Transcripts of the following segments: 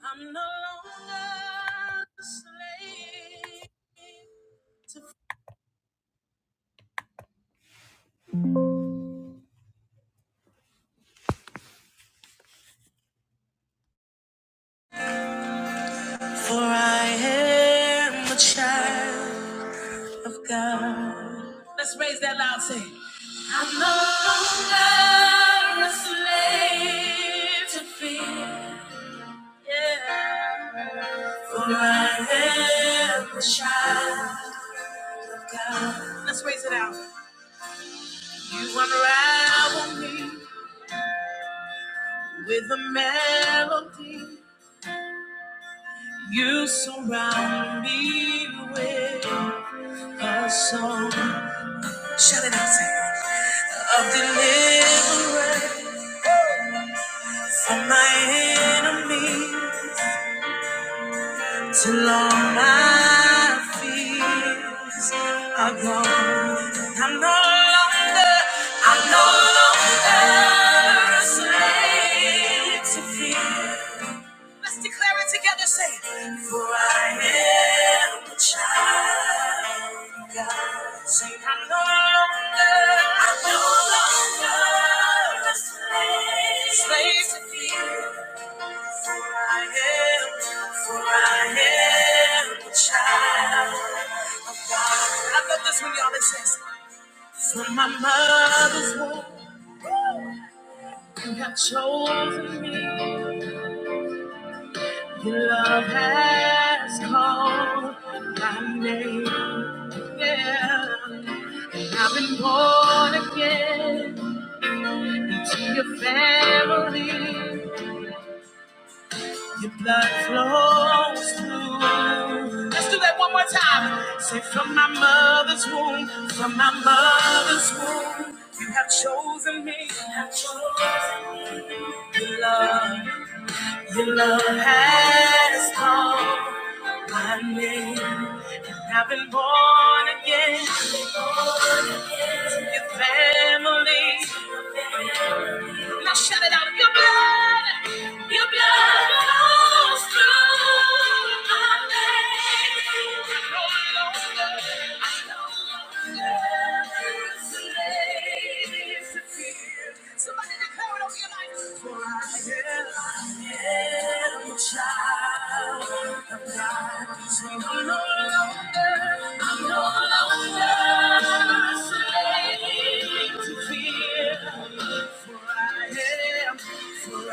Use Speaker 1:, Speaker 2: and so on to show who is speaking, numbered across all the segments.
Speaker 1: I'm no longer a slave, for I am a child of God. Let's raise that loud thing. I'm no longer a slave to fear, yeah. for I am a child of God. Let's raise it out. You unravel me with a melody. You surround me with a song. Shout it out, Sam. Of deliverance from my enemies till all my fears are gone. I'm no longer, I'm no longer a slave to fear. Let's declare it together. Say, For I am a child of God. Say, I'm no longer, I'm no longer a slave, slave to fear. I am, for I am a child of God. I love this one, y'all. It says, From my mother's womb, you have chosen me. Your love has called my name. Yeah. I've been born again into your family. Your blood flows through. Let's do that one more time. Say, from my mother's womb, from my mother's womb, you have chosen me. You have chosen me. Your love. Your love has called my name, and I've been born again to your family. Now shout it out. Your blood, your blood flows through my veins. No longer, I no longer slave to fear. Somebody declare it over your life. For I am I am a child of God. So I'm no longer, I'm no longer slave to fear. For I am, for I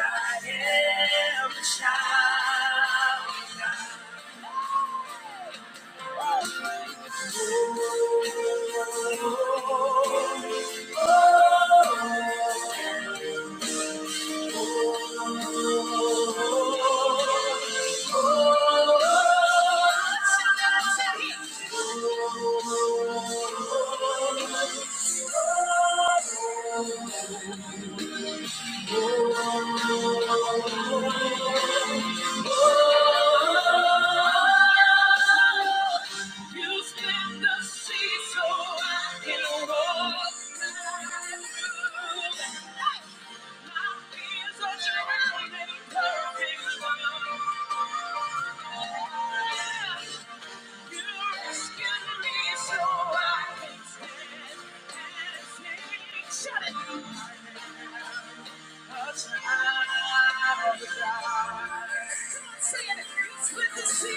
Speaker 1: am a child. of the Lord. Oh, you split the sea so I can walk. Shut Rescue me, you rescued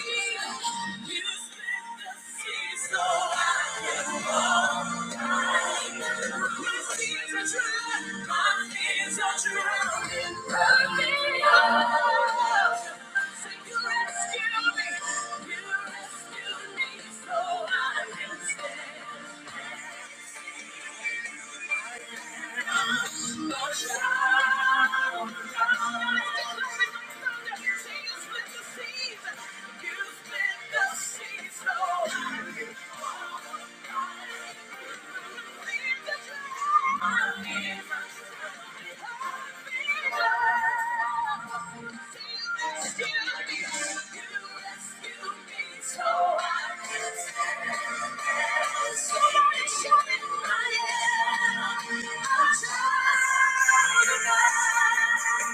Speaker 1: me, so I can stand. You split the seas, you split the seas, so Thank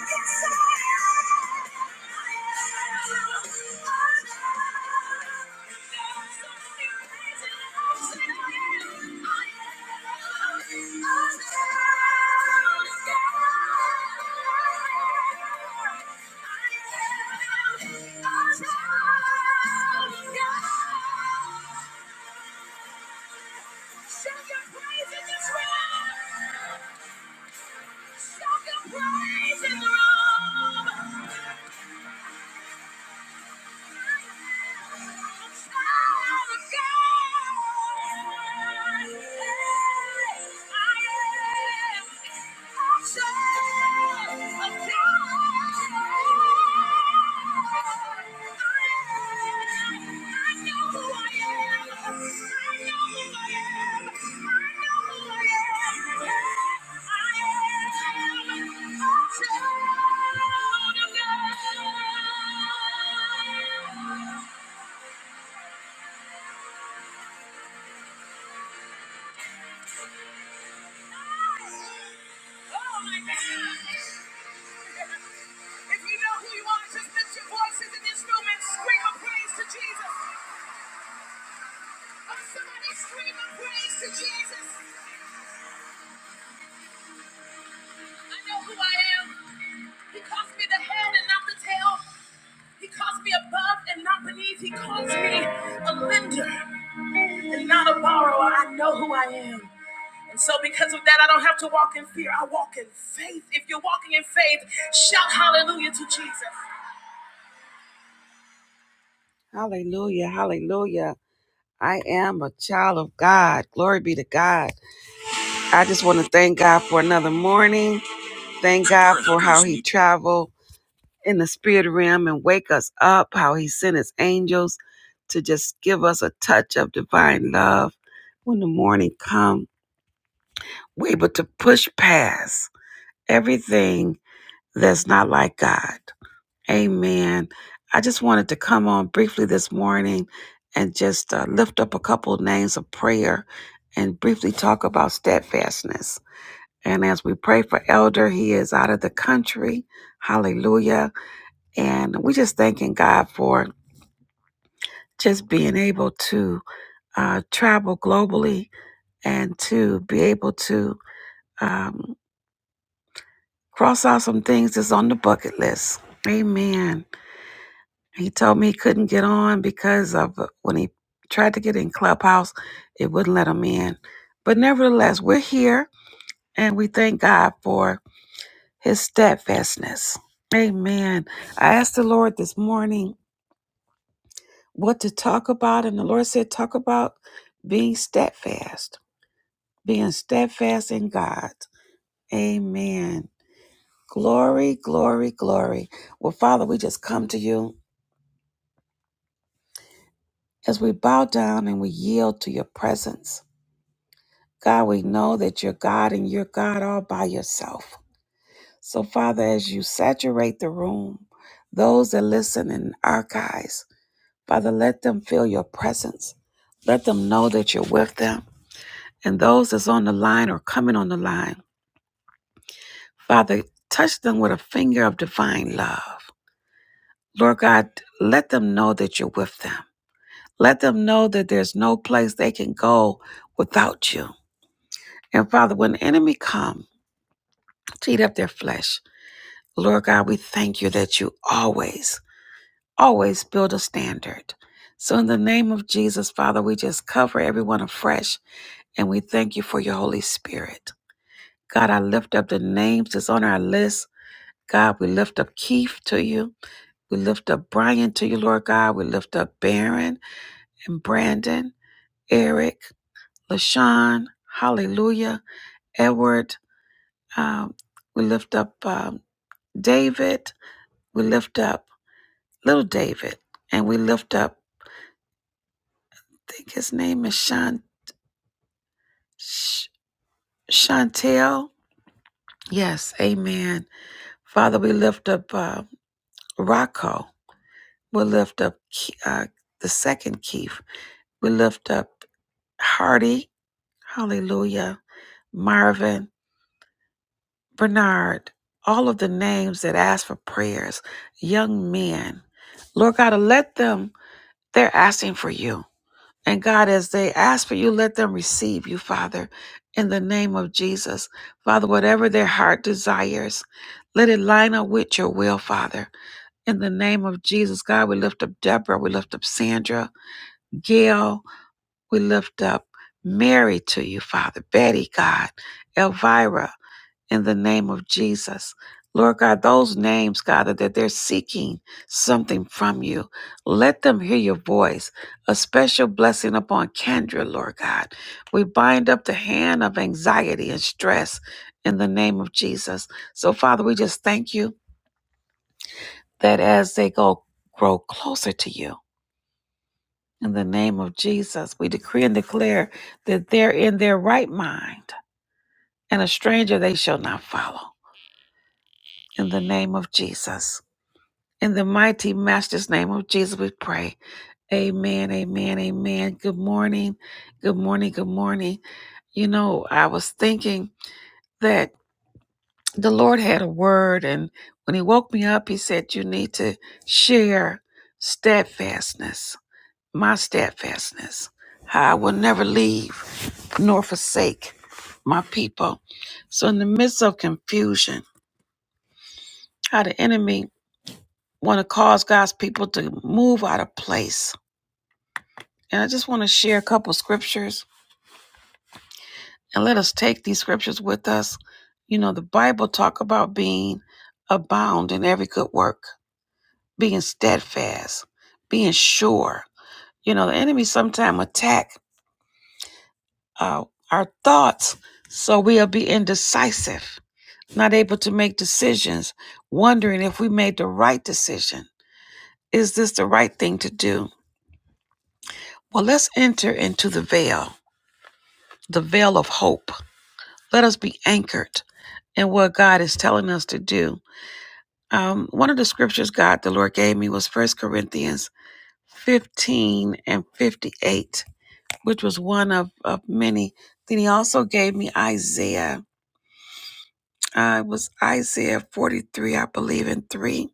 Speaker 1: you. Shout your praise in this room! Shout your praise in the room! I'm if you know who you are, just lift your voices in this room and scream a praise to Jesus. Oh, somebody scream a praise to Jesus. I know who I am. He calls me the head and not the tail. He calls me above and not beneath. He calls me a lender and not a borrower. I know who I am. And so, because of that, I don't have to walk in fear. I walk in faith. If you're walking in faith, shout hallelujah to Jesus. Hallelujah. Hallelujah. I am a child of God. Glory be to God. I just want to thank God for another morning. Thank God for how He traveled. in the spirit realm and wake us up, how he sent his angels to just give us a touch of divine love when the morning comes. We're able to push past everything that's not like God. Amen. I just wanted to come on briefly this morning and just uh, lift up a couple of names of prayer and briefly talk about steadfastness. And as we pray for Elder, he is out of the country. Hallelujah. And we just thanking God for just being able to uh, travel globally and to be able to um, cross out some things that's on the bucket list. Amen. He told me he couldn't get on because of uh, when he tried to get in Clubhouse, it wouldn't let him in. But nevertheless, we're here and we thank God for his steadfastness. Amen. I asked the Lord this morning what to talk about, and the Lord said, Talk about being steadfast being steadfast in God. Amen. Glory, glory, glory. Well, Father, we just come to you as we bow down and we yield to your presence. God, we know that you're God and you're God all by yourself. So, Father, as you saturate the room, those that listen in archives, Father, let them feel your presence. Let them know that you're with them. And those that's on the line or coming on the line, Father, touch them with a finger of divine love. Lord God, let them know that you're with them. Let them know that there's no place they can go without you. And Father, when the enemy come to eat up their flesh, Lord God, we thank you that you always, always build a standard. So in the name of Jesus, Father, we just cover everyone afresh and we thank you for your Holy Spirit. God, I lift up the names that's on our list. God, we lift up Keith to you. We lift up Brian to you, Lord God. We lift up Baron and Brandon. Eric, LaShawn, Hallelujah, Edward. Um, we lift up um, David. We lift up little David. And we lift up, I think his name is Sean, Sh- Chantel. Yes, amen. Father, we lift up uh, Rocco. We lift up uh, the second Keith. We lift up Hardy. Hallelujah. Marvin. Bernard, all of the names that ask for prayers, young men, Lord God, let them, they're asking for you. And God, as they ask for you, let them receive you, Father, in the name of Jesus. Father, whatever their heart desires, let it line up with your will, Father. In the name of Jesus, God, we lift up Deborah, we lift up Sandra, Gail, we lift up Mary to you, Father, Betty, God, Elvira, in the name of Jesus. Lord God, those names, God, that they're seeking something from you, let them hear your voice. A special blessing upon Kendra, Lord God. We bind up the hand of anxiety and stress in the name of Jesus. So, Father, we just thank you that as they go grow closer to you, in the name of Jesus, we decree and declare that they're in their right mind, and a stranger they shall not follow. In the name of Jesus. In the mighty master's name of Jesus, we pray. Amen, amen, amen. Good morning, good morning, good morning. You know, I was thinking that the Lord had a word, and when He woke me up, He said, You need to share steadfastness, my steadfastness, how I will never leave nor forsake my people. So, in the midst of confusion, how the enemy want to cause God's people to move out of place And I just want to share a couple scriptures and let us take these scriptures with us. You know, the Bible talk about being abound in every good work, being steadfast, being sure. You know, the enemy sometimes attack uh, our thoughts, so we'll be indecisive, not able to make decisions, wondering if we made the right decision. Is this the right thing to do? Well, let's enter into the veil, the veil of hope Let us be anchored in what God is telling us to do. Um, one of the scriptures God, the Lord gave me was First Corinthians 15 and 58, which was one of, of many. Then he also gave me Isaiah. Uh, it was Isaiah 43, I believe, in 3.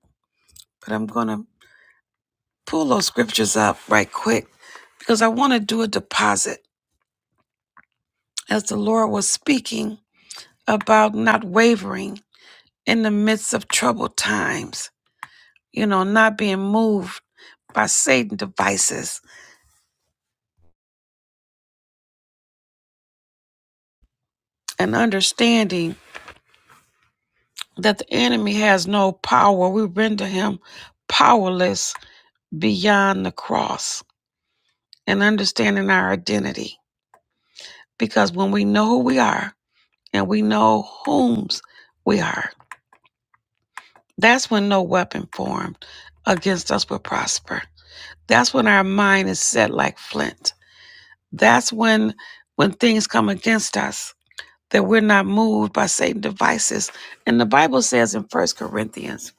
Speaker 1: But I'm going to pull those scriptures up right quick because I want to do a deposit. As the Lord was speaking about not wavering in the midst of troubled times, you know, not being moved by Satan devices and understanding that the enemy has no power. We render him powerless beyond the cross and understanding our identity. Because when we know who we are and we know whom's we are, that's when no weapon formed against us will prosper. That's when our mind is set like flint. That's when when things come against us that we're not moved by Satan's devices. And the Bible says in First Corinthians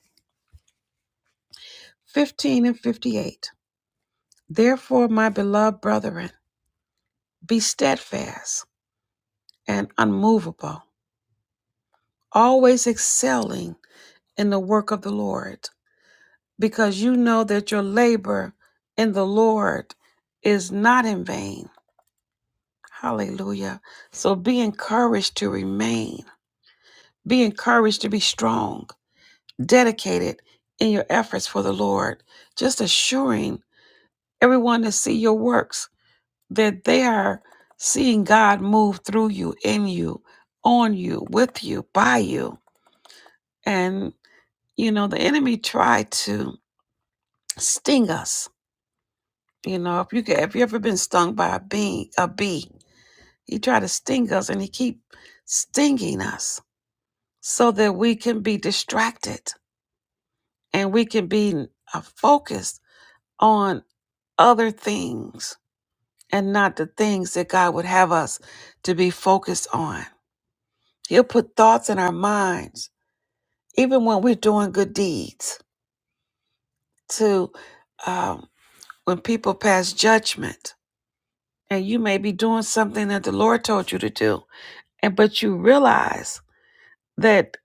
Speaker 1: 15 and 58, Therefore, my beloved brethren, be steadfast and unmovable, always excelling in the work of the Lord, because you know that your labor in the Lord is not in vain. Hallelujah. So be encouraged to remain. Be encouraged to be strong dedicated in your efforts for the Lord, just assuring everyone to see your works that they are seeing God move through you, in you, on you, with you, by you. And you know, the enemy tried to sting us. You know, if you get, if you ever been stung by a bee, a bee, he tried to sting us, and he keep stinging us so that we can be distracted and we can be uh, focused on other things and not the things that God would have us to be focused on. He'll put thoughts in our minds, even when we're doing good deeds, to um, when people pass judgment. And you may be doing something that the Lord told you to do, and but you realize that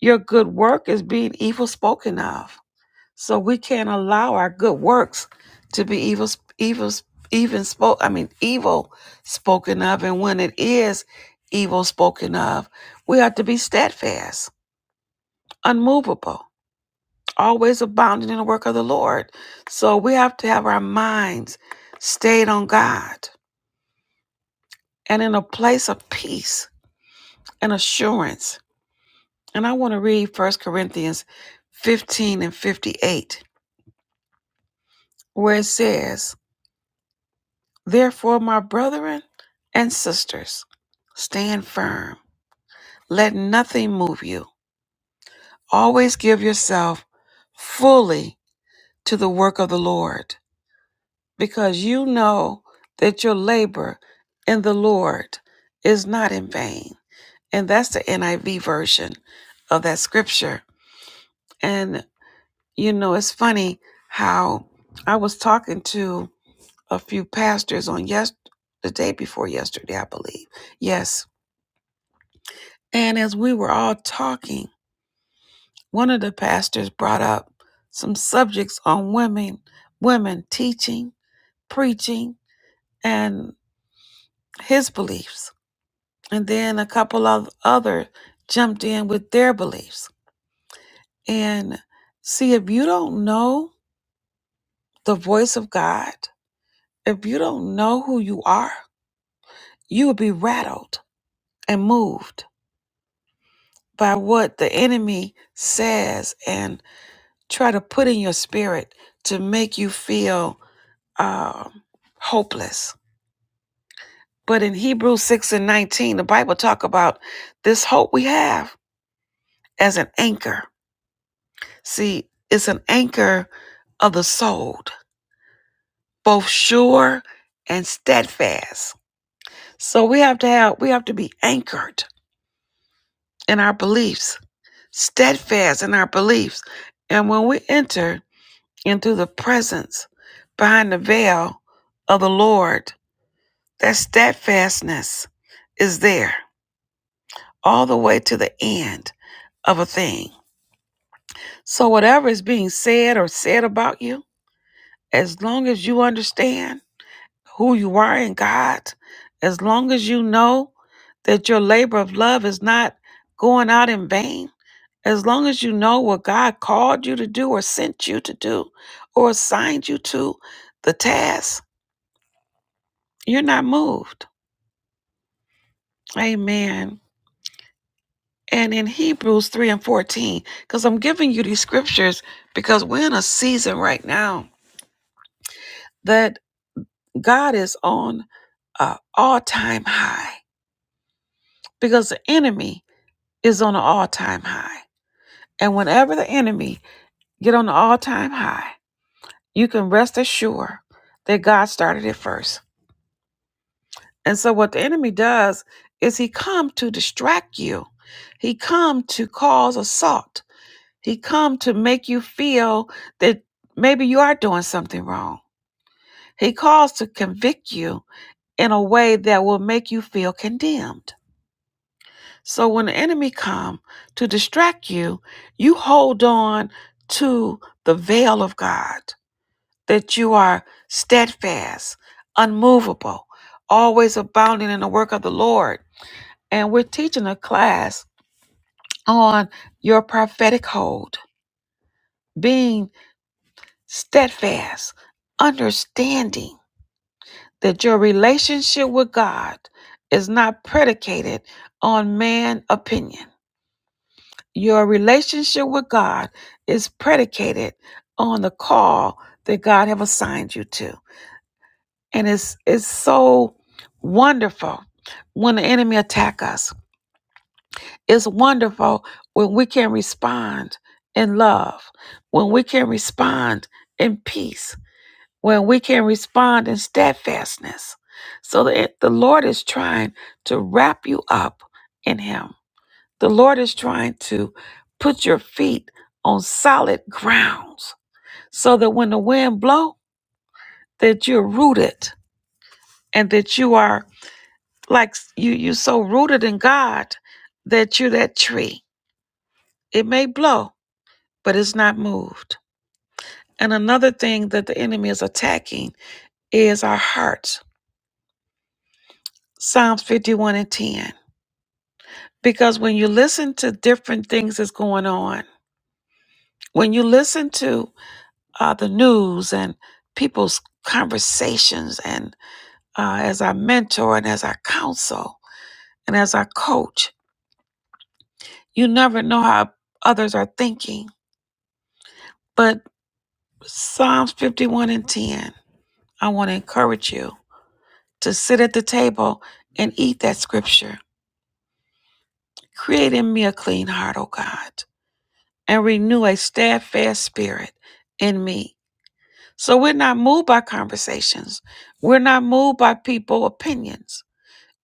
Speaker 1: your good work is being evil spoken of So we can't allow our good works to be evil, evil, even spoke. I mean, evil spoken of, and when it is evil spoken of, we ought to be steadfast, unmovable, always abounding in the work of the Lord. So we have to have our minds stayed on God and in a place of peace and assurance. And I want to read First Corinthians 15 and 58, where it says, Therefore, my brethren and sisters, stand firm. Let nothing move you. Always give yourself fully to the work of the Lord, because you know that your labor in the Lord is not in vain. And that's the NIV version of that scripture. And, you know, it's funny how I was talking to a few pastors on yes, the day before yesterday, I believe. Yes And as we were all talking, one of the pastors brought up some subjects on women, women teaching, preaching, and his beliefs. And then a couple of others jumped in with their beliefs. And see, if you don't know the voice of God, if you don't know who you are, you will be rattled and moved by what the enemy says and try to put in your spirit to make you feel um, hopeless. But in Hebrews 6 and 19, the Bible talk about this hope we have as an anchor. See, it's an anchor of the soul, both sure and steadfast. So we have to have we have to be anchored in our beliefs, steadfast in our beliefs. And when we enter into the presence behind the veil of the Lord, that steadfastness is there all the way to the end of a thing. So, whatever is being said or said about you, as long as you understand who you are in God, as long as you know that your labor of love is not going out in vain, as long as you know what God called you to do or sent you to do or assigned you to the task, you're not moved. Amen. and in Hebrews 3 and 14, because I'm giving you these scriptures because we're in a season right now that God is on an all time high because the enemy is on an all time high. And whenever the enemy get on an all time high, you can rest assured that God started it first. And so what the enemy does is he come to distract you. He come to cause assault He come to make you feel that maybe you are doing something wrong. He calls to convict you in a way that will make you feel condemned. So when the enemy come to distract you, you hold on to the veil of God that you are steadfast, unmovable, always abounding in the work of the Lord. And we're teaching a class on your prophetic hold, being steadfast, understanding that your relationship with God is not predicated on man opinion. Your relationship with God is predicated on the call that God have assigned you to. And it's it's so wonderful when the enemy attack us. It's wonderful when we can respond in love, when we can respond in peace when we can respond in steadfastness. So that the Lord is trying to wrap you up in Him. The Lord is trying to put your feet on solid grounds so that when the wind blow, that you're rooted and that you are like you you so rooted in God that you're that tree. It may blow, but it's not moved. And another thing that the enemy is attacking is our hearts. Psalms 51 and 10. because when you listen to different things that's going on, when you listen to uh, the news and people's conversations, and uh, as I mentor and as I counsel and as I coach, you never know how others are thinking. But Psalms 51 and 10, I want to encourage you to sit at the table and eat that scripture. Create in me a clean heart, O God, and renew a steadfast spirit in me So we're not moved by conversations. We're not moved by people opinions.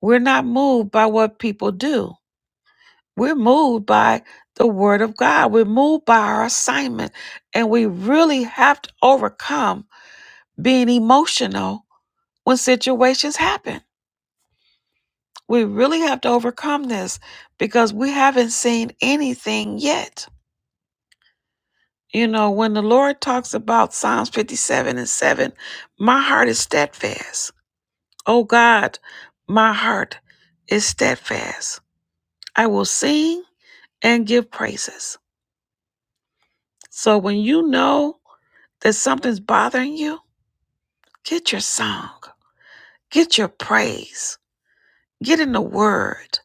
Speaker 1: We're not moved by what people do. We're moved by the word of God. We're moved by our assignment. And we really have to overcome being emotional when situations happen. We really have to overcome this because we haven't seen anything yet. You know, when the Lord talks about Psalms 57 and 7, my heart is steadfast. O God, my heart is steadfast. I will sing and give praises. So when you know that something's bothering you, get your song, get your praise, get in the word,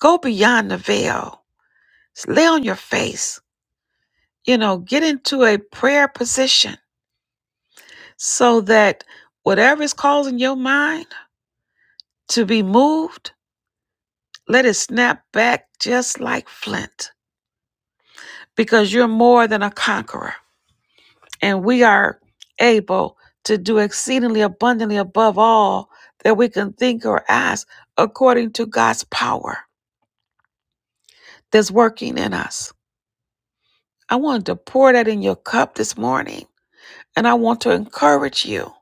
Speaker 1: go beyond the veil, lay on your face, you know, get into a prayer position so that whatever is causing your mind to be moved, let it snap back just like flint because you're more than a conqueror. and we are able to do exceedingly abundantly above all that we can think or ask according to God's power that's working in us. I wanted to pour that in your cup this morning, and I want to encourage you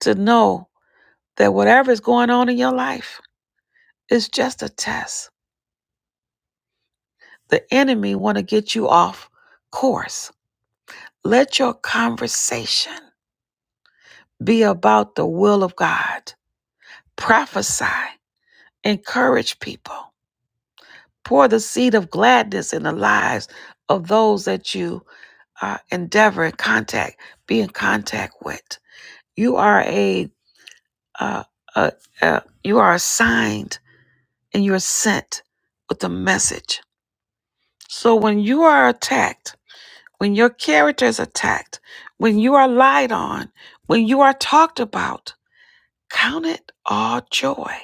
Speaker 1: to know that whatever is going on in your life is just a test. The enemy want to get you off course. Let your conversation be about the will of God. Prophesy, encourage people Pour the seed of gladness in the lives of those that you uh, endeavor in contact, be in contact with. You are a, uh, uh uh you are assigned and you're sent with a message. So when you are attacked, when your character is attacked, when you are lied on, when you are talked about, count it all joy.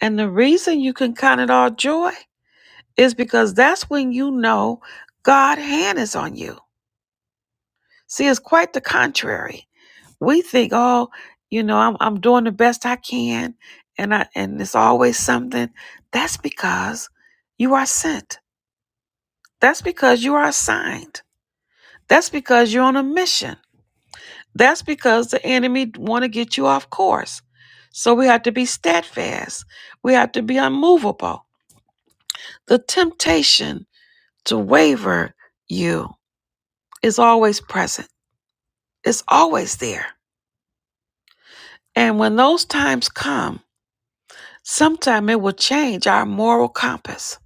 Speaker 1: And the reason you can count it all joy is because that's when you know God's hand is on you. See, it's quite the contrary. We think, oh, you know, I'm, I'm doing the best I can, and I and it's always something. That's because you are sent. That's because you are assigned. That's because you're on a mission. That's because the enemy want to get you off course. So we have to be steadfast. We have to be unmovable. The temptation to waver you is always present. It's always there. And when those times come, Sometime it will change our moral compass.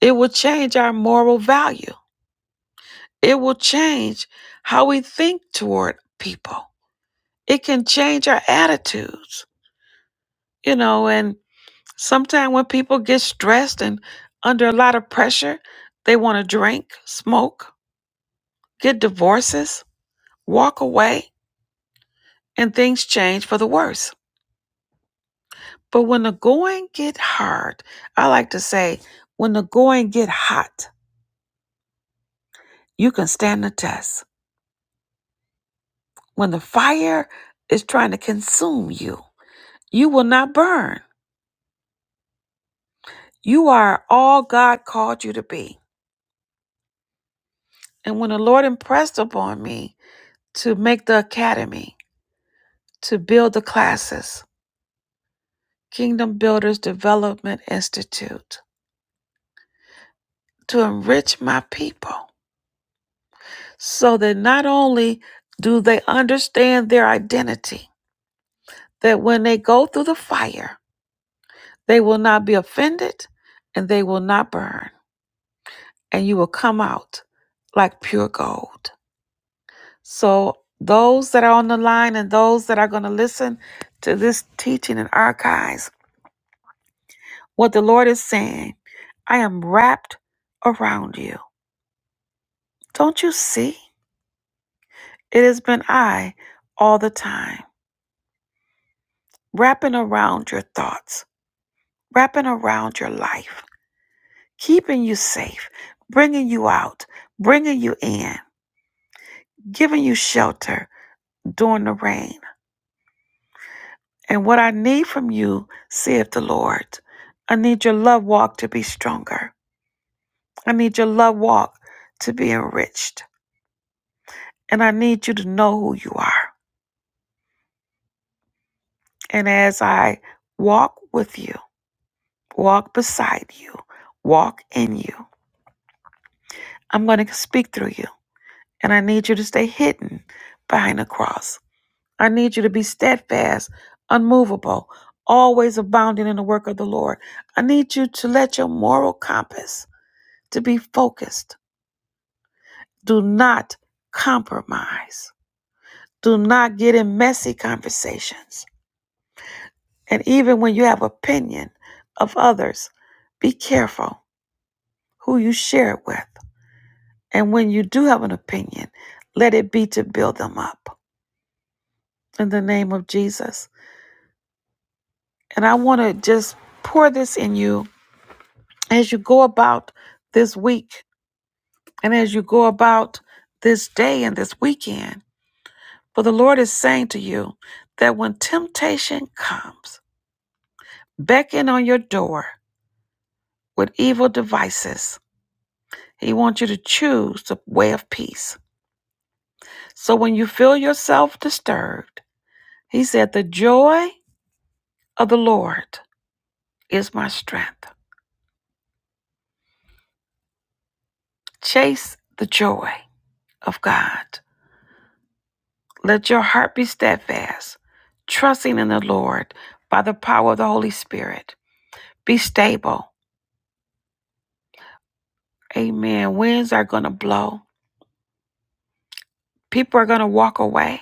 Speaker 1: It will change our moral value. It will change how we think toward people. It can change our attitudes, you know, and sometimes when people get stressed and under a lot of pressure, they want to drink, smoke, get divorces, walk away, and things change for the worse. But when the going get hard, I like to say, when the going get hot, you can stand the test. When the fire is trying to consume you, you will not burn. You are all God called you to be. And when the Lord impressed upon me to make the academy, to build the classes, Kingdom Builders Development Institute, to enrich my people, so that not only do they understand their identity, that when they go through the fire, they will not be offended and they will not burn. and you will come out like pure gold. So, those that are on the line and those that are going to listen to this teaching and archives, what the Lord is saying, I am wrapped around you. Don't you see? It has been I all the time, wrapping around your thoughts, wrapping around your life, keeping you safe, bringing you out, bringing you in, giving you shelter during the rain And what I need from you, saith the Lord, I need your love walk to be stronger. I need your love walk to be enriched. And I need you to know who you are. And as I walk with you, walk beside you, walk in you, I'm going to speak through you. And I need you to stay hidden behind the cross. I need you to be steadfast, unmovable, always abounding in the work of the Lord. I need you to let your moral compass to be focused Do not compromise. Do not get in messy conversations. And even when you have opinion of others, be careful who you share it with. And when you do have an opinion, let it be to build them up in the name of Jesus. And I want to just pour this in you as you go about this week and as you go about this day and this weekend. For the Lord is saying to you that when temptation comes, beckon on your door with evil devices. He wants you to choose the way of peace. So when you feel yourself disturbed, he said, The joy of the Lord is my strength. Chase the joy of God. Let your heart be steadfast, trusting in the Lord by the power of the Holy Spirit. Be stable. Amen. Winds are going to blow. People are going to walk away.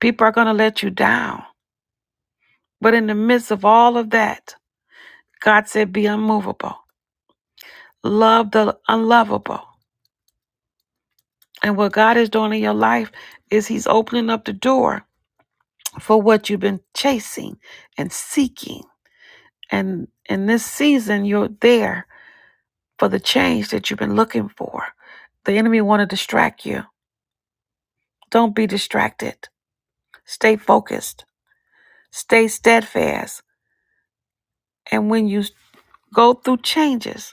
Speaker 1: People are going to let you down. But in the midst of all of that, God said, be unmovable. Love the unlovable. And what God is doing in your life is He's opening up the door for what you've been chasing and seeking. And in this season, you're there for the change that you've been looking for. The enemy want to distract you. Don't be distracted. Stay focused. Stay steadfast. And when you go through changes,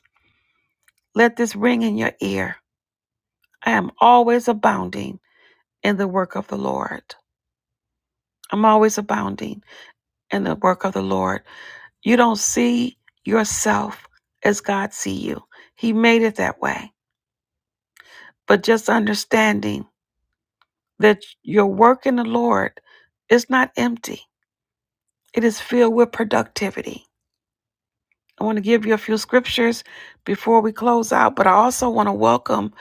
Speaker 1: let this ring in your ear. I am always abounding in the work of the Lord. I'm always abounding in the work of the Lord. You don't see yourself as God see you. He made it that way. But just understanding that your work in the Lord is not empty. It is filled with productivity. I want to give you a few scriptures before we close out, but I also want to welcome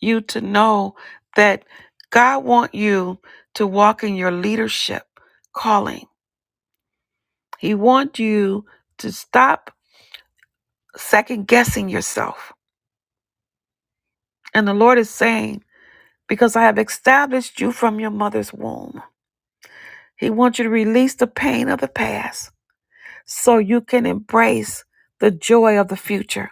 Speaker 1: you to know that God wants you to walk in your leadership calling. He wants you to stop second guessing yourself. And the Lord is saying, Because I have established you from your mother's womb, He wants you to release the pain of the past so you can embrace the joy of the future.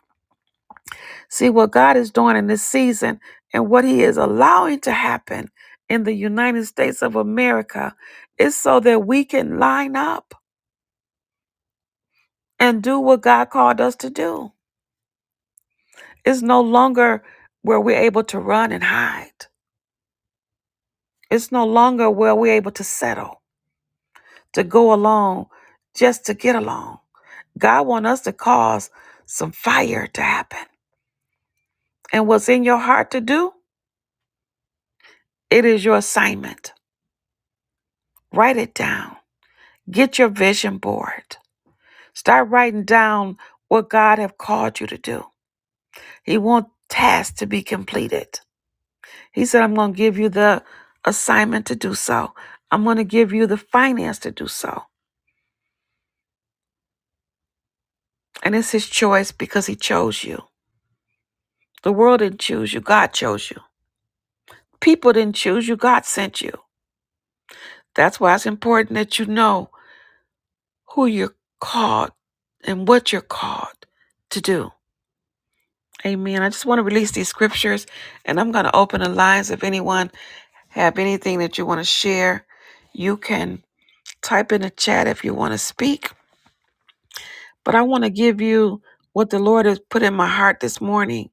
Speaker 1: See what God is doing in this season and what He is allowing to happen in the United States of America is so that we can line up and do what God called us to do. It's no longer where we're able to run and hide. It's no longer where we're able to settle. to go along just to get along. God wants us to cause some fire to happen. And what's in your heart to do, it is your assignment. Write it down. Get your vision board. Start writing down what God have called you to do. He wants tasks to be completed. He said, I'm going to give you the assignment to do so. I'm going to give you the finance to do so. And it's his choice because he chose you. The world didn't choose you. God chose you. People didn't choose you, God sent you. That's why it's important that you know who you're called and what you're called to do. Amen. I just want to release these scriptures and I'm going to open the lines. If anyone have anything that you want to share, you can type in the chat if you want to speak. But I want to give you what the Lord has put in my heart this morning.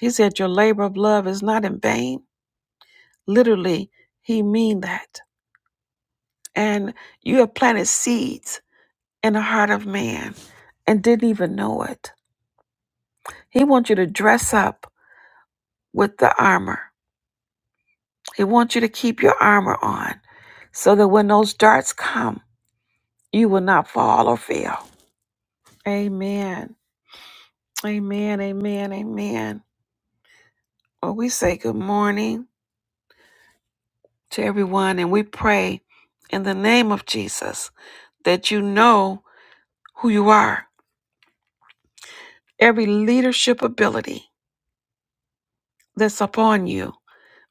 Speaker 1: He said, Your labor of love is not in vain. Literally, He mean that. And you have planted seeds in the heart of man and didn't even know it. He wants you to dress up with the armor. He wants you to keep your armor on so that when those darts come, you will not fall or fail. Amen. Amen. Amen. Amen. Well, we say good morning to everyone and we pray in the name of Jesus that you know who you are. Every leadership ability that's upon you,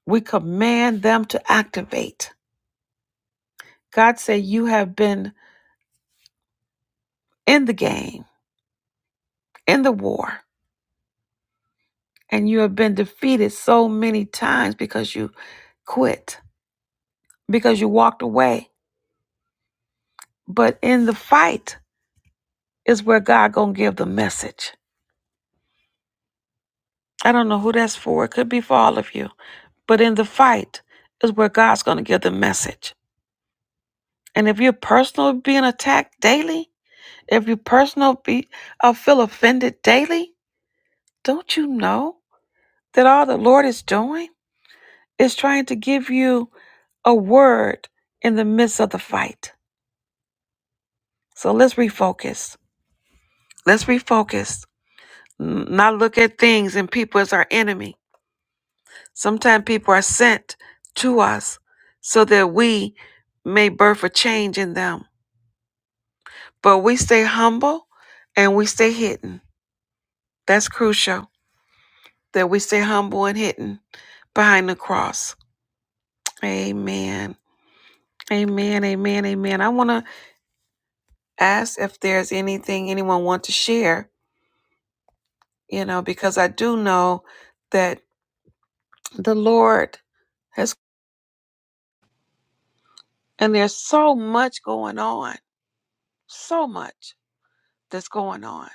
Speaker 1: we command them to activate God said, You have been in the game, in the war, and you have been defeated so many times because you quit, because you walked away. But in the fight is where God gonna give the message. I don't know who that's for. It could be for all of you. But in the fight is where God's gonna give the message. And if you're personally being attacked daily, if you personally be uh, feel offended daily, don't you know that all the Lord is doing is trying to give you a word in the midst of the fight. So let's refocus. Let's refocus. N- Not look at things and people as our enemy. Sometimes people are sent to us so that we may birth a change in them. But we stay humble and we stay hidden. That's crucial that we stay humble and hidden behind the cross. Amen. Amen. Amen. Amen. I want to ask if there's anything anyone want to share you know, because I do know that the Lord has, and there's so much going on, so much that's going on.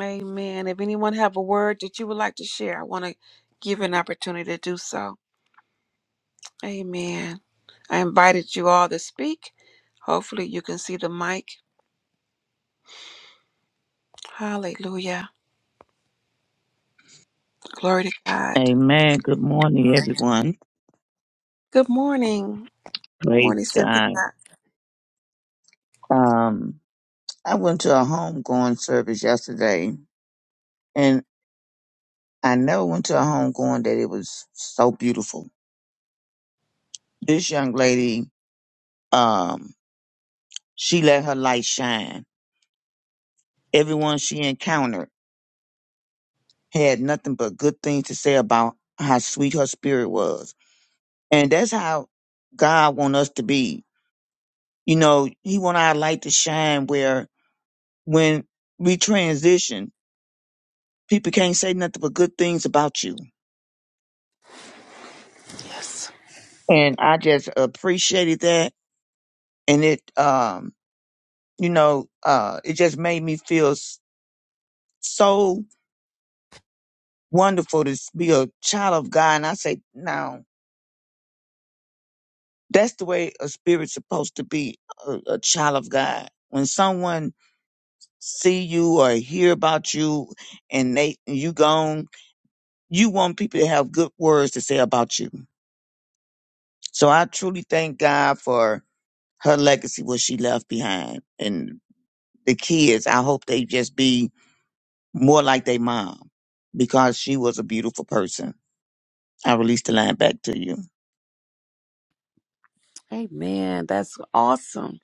Speaker 1: Amen. If anyone have a word that you would like to share, I want to give you an opportunity to do so. Amen. I invited you all to speak. Hopefully, you can see the mic. Hallelujah. Glory to God.
Speaker 2: Amen. Good morning, everyone.
Speaker 1: Good morning. Good
Speaker 2: Praise
Speaker 1: morning, Cynthia.
Speaker 2: God. Um, I went to a homegoing service yesterday, and I never went to a homegoing that it was so beautiful. This young lady, um, she let her light shine. Everyone she encountered had nothing but good things to say about how sweet her spirit was, and that's how God want us to be. You know, He want our light to shine where when we transition People can't say nothing but good things about you.
Speaker 1: Yes.
Speaker 2: And I just appreciated that. And it, um, you know, uh, it just made me feel s- so wonderful to s- be a child of God. And I say, now that's the way a spirit's supposed to be a, a child of God. When someone see you or hear about you and they, you gone, you want people to have good words to say about you. So I truly thank God for her legacy, what she left behind. And the kids, I hope they just be more like their mom because she was a beautiful person. I release the line back to you.
Speaker 1: Amen. That's awesome.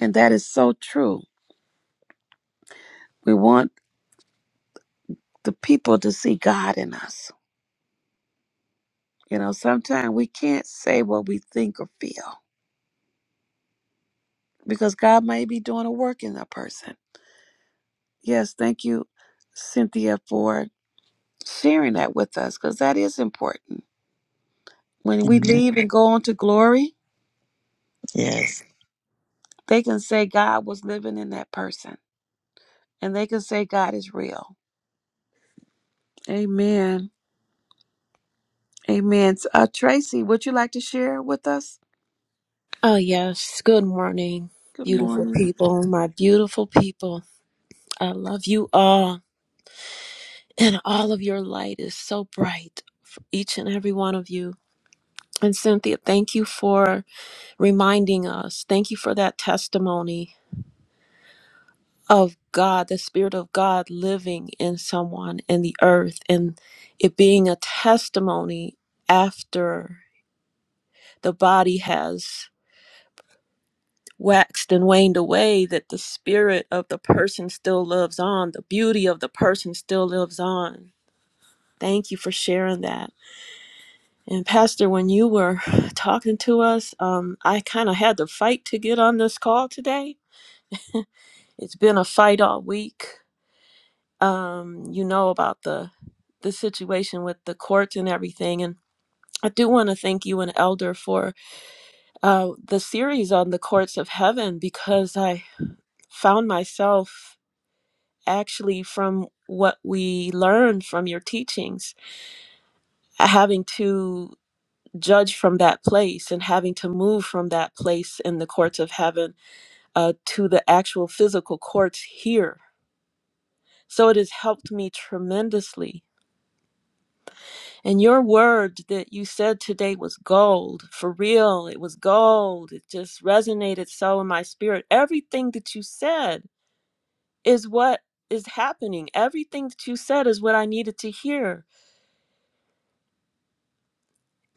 Speaker 1: And that is so true. We want the people to see God in us. You know, sometimes we can't say what we think or feel because God may be doing a work in a person. Yes, thank you, Cynthia, for sharing that with us because that is important. When we
Speaker 2: Amen.
Speaker 1: leave and go on to glory,
Speaker 2: Yes.
Speaker 1: they can say God was living in that person and they can say God is real. Amen. Amen. Uh, Tracy, would you like to share with us?
Speaker 3: Oh, yes. Good morning,
Speaker 1: Good
Speaker 3: beautiful
Speaker 1: morning.
Speaker 3: people, my beautiful people. I love you all, and all of your light is so bright for each and every one of you. And Cynthia, thank you for reminding us. Thank you for that testimony of God, the Spirit of God living in someone in the earth, and it being a testimony after the body has waxed and waned away, that the spirit of the person still lives on, the beauty of the person still lives on. Thank you for sharing that. And Pastor, when you were talking to us, um, I kind of had to fight to get on this call today. It's been a fight all week. Um, you know about the the situation with the courts and everything, and I do want to thank you and Elder for uh, the series on the courts of heaven because I found myself actually from what we learn from your teachings, having to judge from that place and having to move from that place in the courts of heaven uh, to the actual physical courts here. So it has helped me tremendously. And your word that you said today was gold, for real. It was gold. It just resonated so in my spirit. Everything that you said is what is happening. Everything that you said is what I needed to hear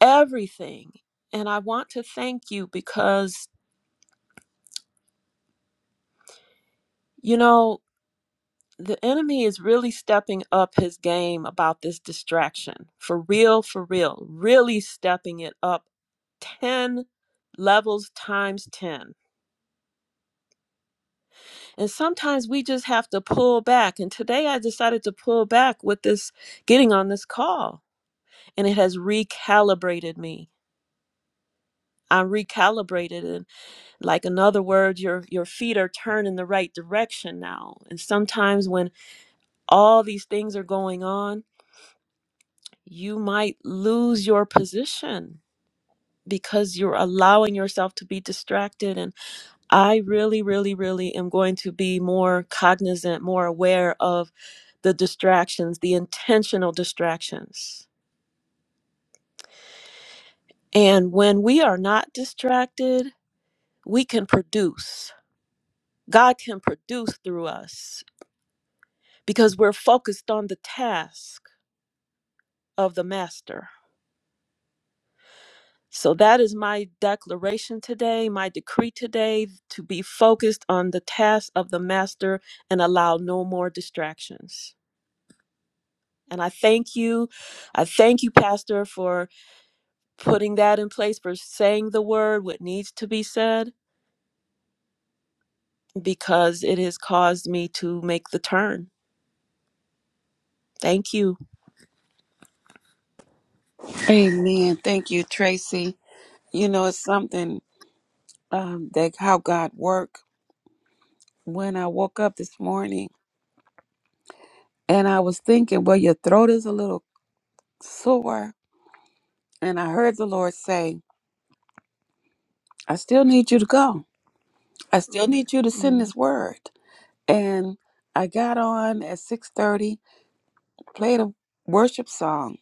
Speaker 3: everything. And I want to thank you because, you know, the enemy is really stepping up his game about this distraction for real, for real, really stepping it up 10 levels times 10. And sometimes we just have to pull back. And today I decided to pull back with this getting on this call, and it has recalibrated me. I'm recalibrated and like in other words your your feet are turned in the right direction now and sometimes when all these things are going on you might lose your position because you're allowing yourself to be distracted and i really really really am going to be more cognizant more aware of the distractions the intentional distractions and when we are not distracted we can produce god can produce through us because we're focused on the task of the master. So that is my declaration today, my decree today to be focused on the task of the master and allow no more distractions. And I thank you. I thank you, Pastor, for putting that in place, for saying the word, what needs to be said, because it has caused me to make the turn. Thank you.
Speaker 1: Amen. Thank you, Tracy. You know, it's something um, that how God worked when I woke up this morning and I was thinking, well, your throat is a little sore. And I heard the Lord say, I still need you to go. I still Mhm. need you to send
Speaker 3: Mm-hmm.
Speaker 1: this word. And I got on at 6:30, played a worship song,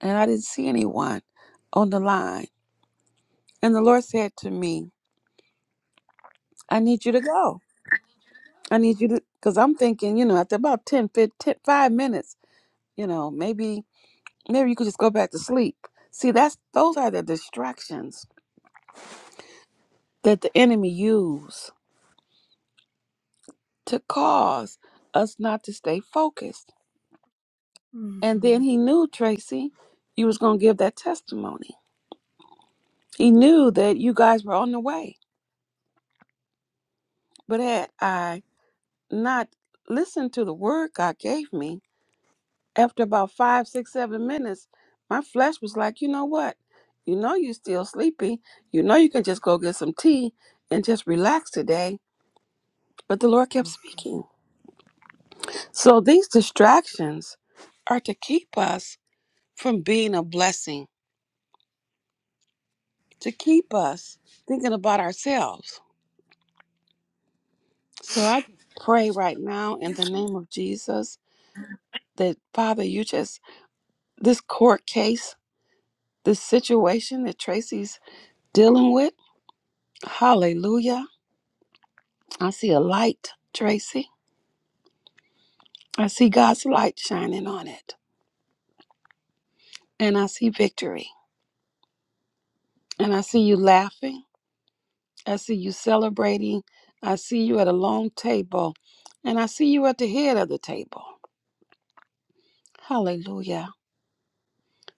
Speaker 1: and I didn't see anyone on the line. And the Lord said to me, I need you to go. I need you to, because I'm thinking, you know, after about 10, 15, 5 minutes, you know, maybe Maybe you could just go back to sleep. See, that's those are the distractions that the enemy use to cause us not to stay focused. And then he knew, Tracy, you was gonna give that testimony. He knew that you guys were on the way. But had I not listened to the word God gave me, after about five, six, seven minutes, my flesh was like, you know what? You know you're still sleepy. You know you can just go get some tea and just relax today But the Lord kept speaking. So these distractions are to keep us from being a blessing, to keep us thinking about ourselves. So I pray right now in the name of Jesus that, Father, you just, this court case, this situation that Tracy's dealing with, hallelujah. I see a light, Tracy. I see God's light shining on it, and I see victory, and I see you laughing. I see you celebrating. I see you at a long table. And I see you at the head of the table. Hallelujah.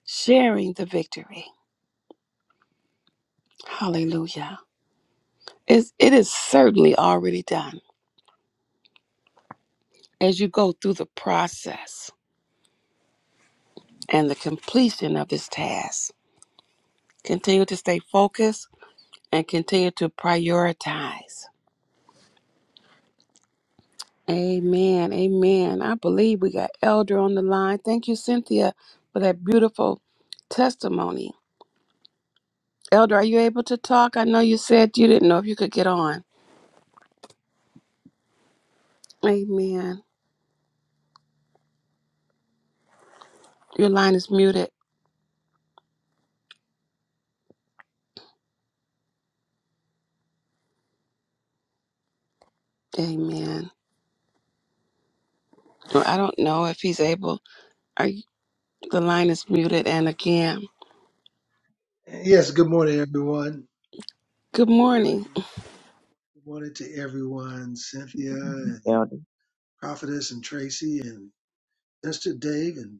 Speaker 1: Sharing the victory. Hallelujah. It's, it is certainly already done as you go through the process and the completion of this task. Continue to stay focused and continue to prioritize. Amen. Amen. I believe we got Elder on the line. Thank you, Cynthia, for that beautiful testimony. Elder, are you able to talk? I know you said you didn't know if you could get on. Amen. Your line is muted. Amen. Well, I don't know if he's able. Are you, the line is muted? And again,
Speaker 4: Yes, good morning, everyone.
Speaker 1: good
Speaker 4: Good
Speaker 1: morning.
Speaker 4: morning. Good morning to everyone, Cynthia and
Speaker 2: Elder
Speaker 4: Prophetess and Tracy and Mr. Dave and,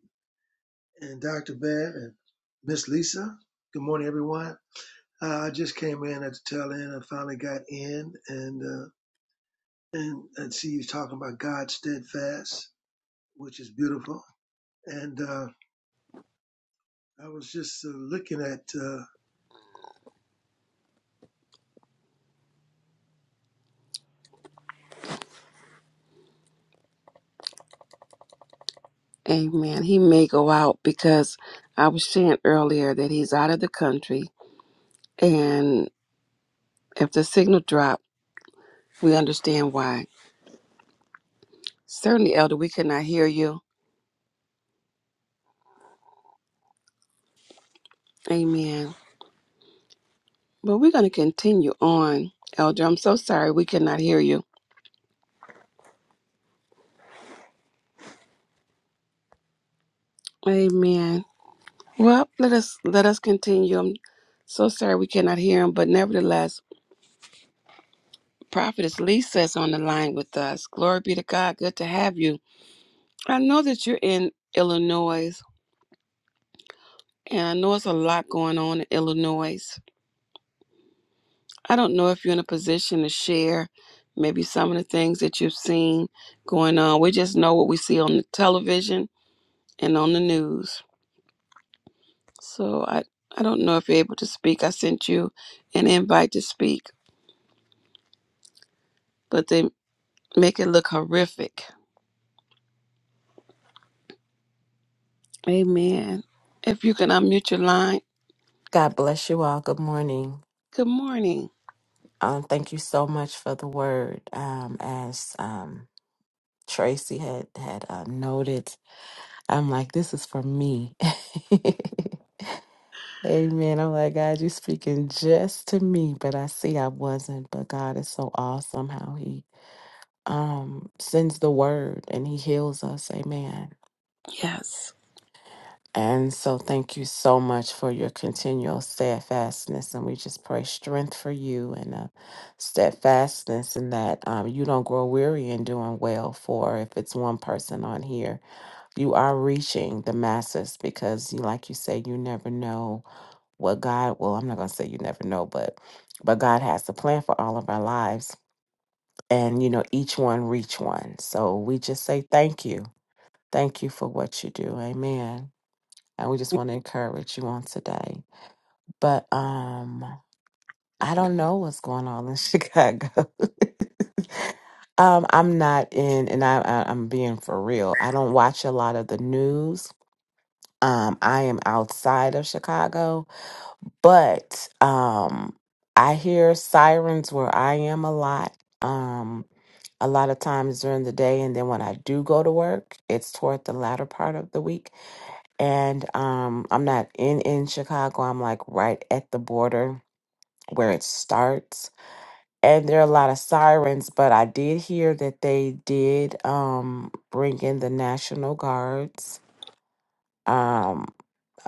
Speaker 4: and Dr. Bev and Miss Lisa. Good morning, everyone. Uh, I just came in at the tail end. I finally got in and uh, and I see you talking about God steadfast, which is beautiful. And uh, I was just uh, looking at. uh,
Speaker 1: Amen. He may go out because I was saying earlier that he's out of the country, and if the signal dropped, we understand why. Certainly, Elder, we cannot hear you. Amen. But we're going to continue on, Elder. I'm so sorry we cannot hear you. Amen. Well, let us let us continue. I'm so sorry we cannot hear him, but nevertheless, Prophetess Lisa is on the line with us. Glory be to God. Good to have you. I know that you're in Illinois, and I know it's a lot going on in Illinois. I don't know if you're in a position to share maybe some of the things that you've seen going on. We just know what we see on the television and on the news. So I I don't know if you're able to speak. I sent you an invite to speak, but then make it look horrific. Amen. If you can unmute your line.
Speaker 5: God bless you all. Good morning.
Speaker 1: Good morning.
Speaker 5: Um, thank you so much for the word. Um, as um, Tracy had had uh, noted, I'm like, this is for me. Amen. I'm like, God, you speaking just to me, but I see I wasn't. But God is so awesome how He um sends the word and He heals us. Amen.
Speaker 1: Yes.
Speaker 5: And so, thank you so much for your continual steadfastness. And we just pray strength for you and uh, steadfastness, and that um, you don't grow weary in doing well. For if it's one person on here, you are reaching the masses because, you, like you say, you never know what God. Well, I'm not going to say you never know, but but God has a plan for all of our lives, and you know each one reach one. So we just say thank you, thank you for what you do. Amen and we just want to encourage you on today. But um, I don't know what's going on in Chicago. um, I'm not in, and I, I, I'm being for real. I don't watch a lot of the news. Um, I am outside of Chicago, but um, I hear sirens where I am a lot. Um, a lot of times during the day, and then when I do go to work, it's toward the latter part of the week and um I'm not in in Chicago. I'm like right at the border where it starts. And there are a lot of sirens, but I did hear that they did um bring in the National Guards. Um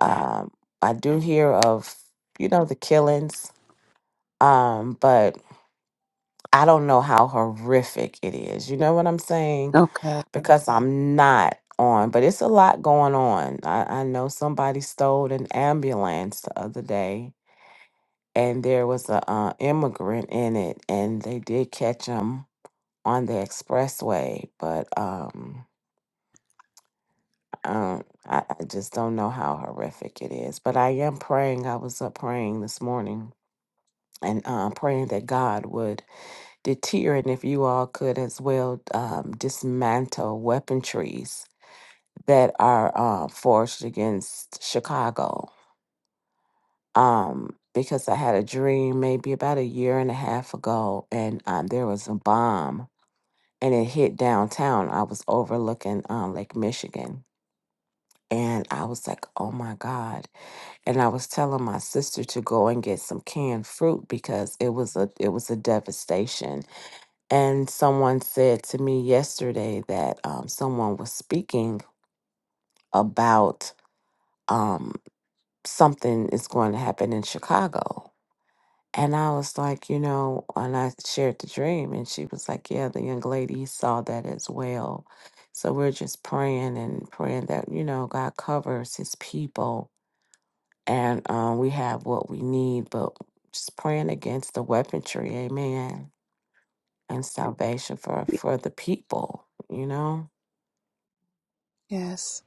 Speaker 5: um I do hear of you know the killings. Um but I don't know how horrific it is. You know what I'm saying?
Speaker 1: Okay.
Speaker 5: Because I'm not on, but it's a lot going on. I, I know somebody stole an ambulance the other day and there was a uh, immigrant in it, and they did catch him on the expressway. But um, um, I, I just don't know how horrific it is. But I am praying. I was up praying this morning and uh, praying that God would deter, and if you all could as well, um, dismantle weaponries that are uh, forged against Chicago um, because I had a dream maybe about a year and a half ago, and um, there was a bomb and it hit downtown. I was overlooking um, Lake Michigan. And I was like, oh my God. And I was telling my sister to go and get some canned fruit because it was a it was a devastation. And someone said to me yesterday that um, someone was speaking about um, something is going to happen in Chicago. And I was like, you know, and I shared the dream, and she was like, yeah, the young lady saw that as well. So we're just praying and praying that, you know, God covers his people and um, we have what we need, but just praying against the weaponry, amen, and salvation for, for the people, you know?
Speaker 1: Yes.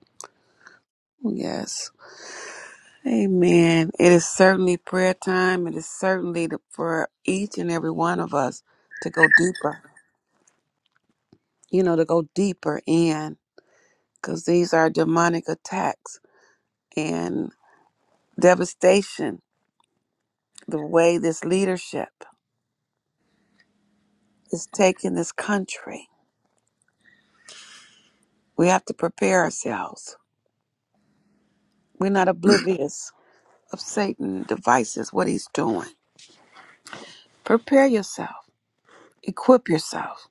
Speaker 1: Yes. Amen. It is certainly prayer time. It is certainly the- for each and every one of us to go deeper. you know, to go deeper in because these are demonic attacks and devastation, the way this leadership is taking this country. We have to prepare ourselves. We're not oblivious of Satan' devices, what he's doing. Prepare yourself, equip yourself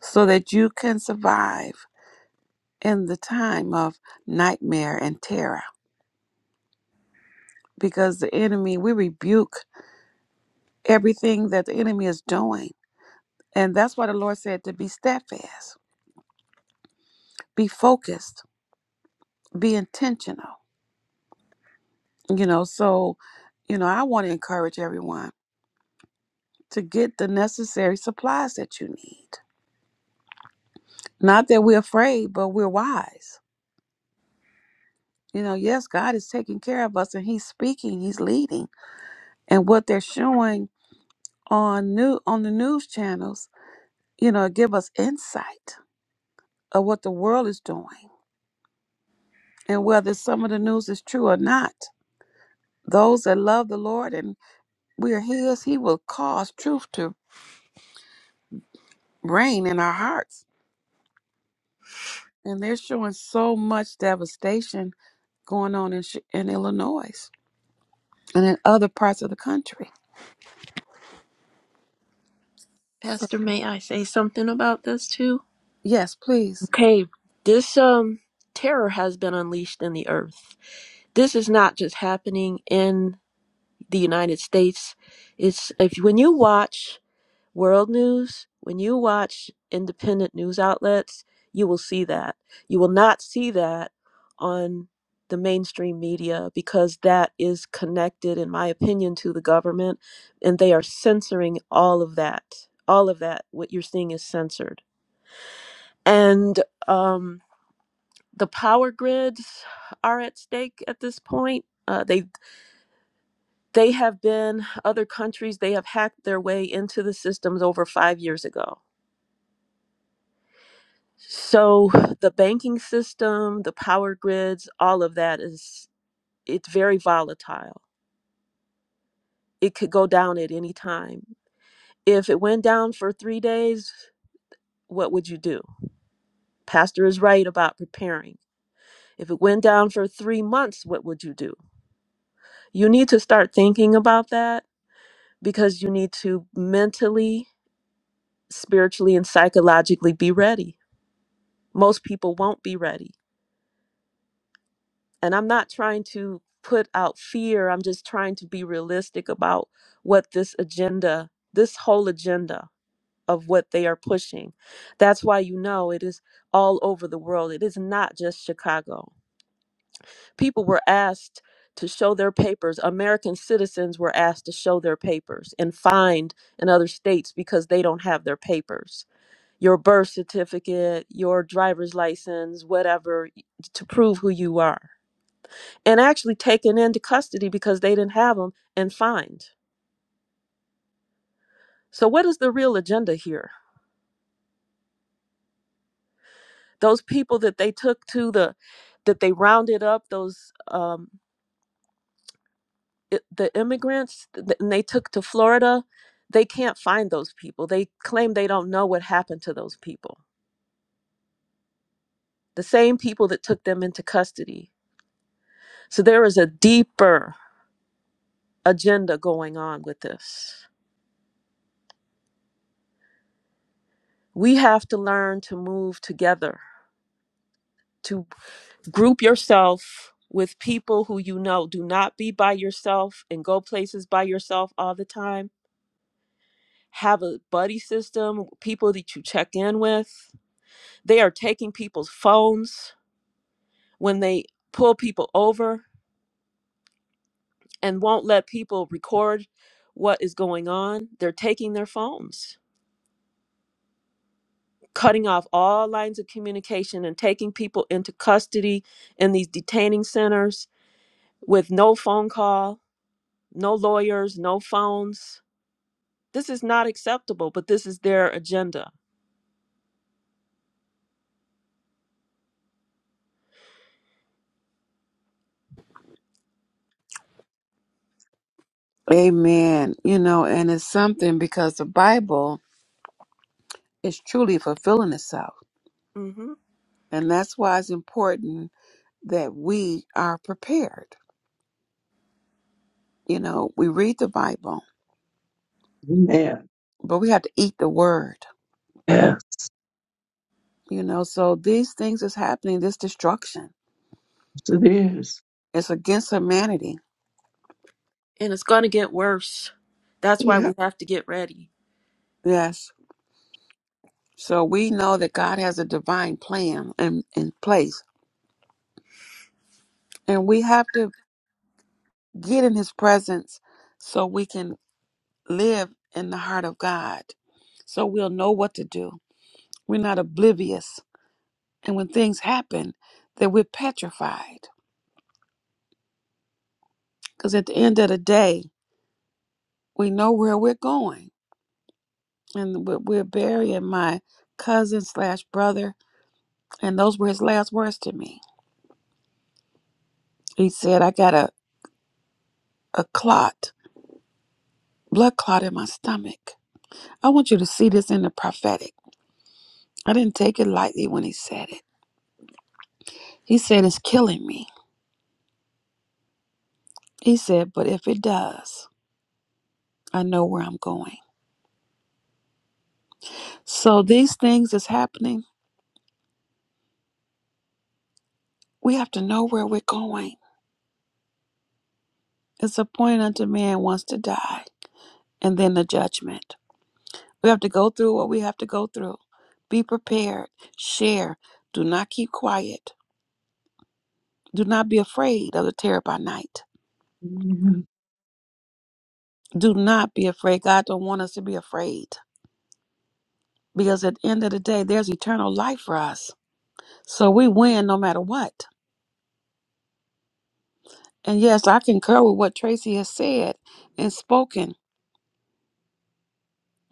Speaker 1: so that you can survive in the time of nightmare and terror because the enemy, we rebuke everything that the enemy is doing And that's why the Lord said to be steadfast, be focused, be intentional. You know, so, you know, I want to encourage everyone to get the necessary supplies that you need. Not that we're afraid, but we're wise. You know, yes, God is taking care of us and He's speaking, He's leading. And what they're showing on new on the news channels, you know, give us insight of what the world is doing and whether some of the news is true or not. Those that love the Lord and we're his, he will cause truth to reign in our hearts. And they're showing so much devastation going on in, Chi- in Illinois and in other parts of the country. So,
Speaker 3: Pastor, may I say something about this too?
Speaker 1: yes, please.
Speaker 3: Okay, this um terror has been unleashed in the earth. This is not just happening in the United States. It's if when you watch world news, when you watch independent news outlets, you will see that. You will not see that on the mainstream media because that is connected in my opinion to the government and they are censoring all of that. All of that what you're seeing is censored. And um the power grids are at stake at this point. Uh, they they have been other countries. They have hacked their way into the systems over five years ago. So the banking system, the power grids, all of that is it's very volatile. It could go down at any time. If it went down for three days, what would you do? Pastor is right about preparing. If it went down for three months, what would you do? You need to start thinking about that because you need to mentally, spiritually, and psychologically be ready. Most people won't be ready. And I'm not trying to put out fear, I'm just trying to be realistic about what this agenda, this whole agenda of what they are pushing. That's why you know it is all over the world, it is not just Chicago. People were asked. To show their papers. American citizens were asked to show their papers and fined in other states because they don't have their papers your birth certificate, your driver's license, whatever, to prove who you are. And actually taken into custody because they didn't have them and fined. So, what is the real agenda here? Those people that they took to the, that they rounded up, those, um, i the immigrants, th- and they took to Florida, they can't find those people. They claim they don't know what happened to those people. The same people that took them into custody. So, there is a deeper agenda going on with this. We have to learn to move together, to group yourself with people who you know. Do not be by yourself and go places by yourself all the time. Have a buddy system, people that you check in with. They are taking people's phones when they pull people over and won't let people record what is going on. They're taking their phones, cutting off all lines of communication and taking people into custody in these detaining centers with no phone call, no lawyers, no phones. This is not acceptable, but this is their agenda.
Speaker 1: Amen. You know, and it's something because the Bible is truly fulfilling itself.
Speaker 3: hmm
Speaker 1: And that's why it's important that we are prepared. You know, we read the Bible,
Speaker 6: Amen.
Speaker 1: but we have to eat the word.
Speaker 6: Yes,
Speaker 1: You know, so these things is happening, this destruction
Speaker 6: it is.
Speaker 1: It's against humanity.
Speaker 3: And it's going to get worse. That's why
Speaker 6: Yeah.
Speaker 3: we have to get ready.
Speaker 1: Yes. So we know that God has a divine plan in, in place. And we have to get in his presence so we can live in the heart of God. So we'll know what to do. We're not oblivious. And when things happen, that we're petrified. Because at the end of the day, we know where we're going. And we're we're burying my cousin slash brother. And those were his last words to me. He said, I got a, a clot blood clot in my stomach. I want you to see this in the prophetic. I didn't take it lightly when he said it. He said, It's killing me. He said, But if it does, I know where I'm going. So these things is happening. We have to know where we're going. It's appointed unto man once to die, and then the judgment. We have to go through what we have to go through. Be prepared. Share. Do not keep quiet. Do not be afraid of the terror by night.
Speaker 6: Amen.
Speaker 1: Do not be afraid. God don't want us to be afraid. because at the end of the day, there's eternal life for us. So we win no matter what. And yes, I concur with what Tracy has said and spoken.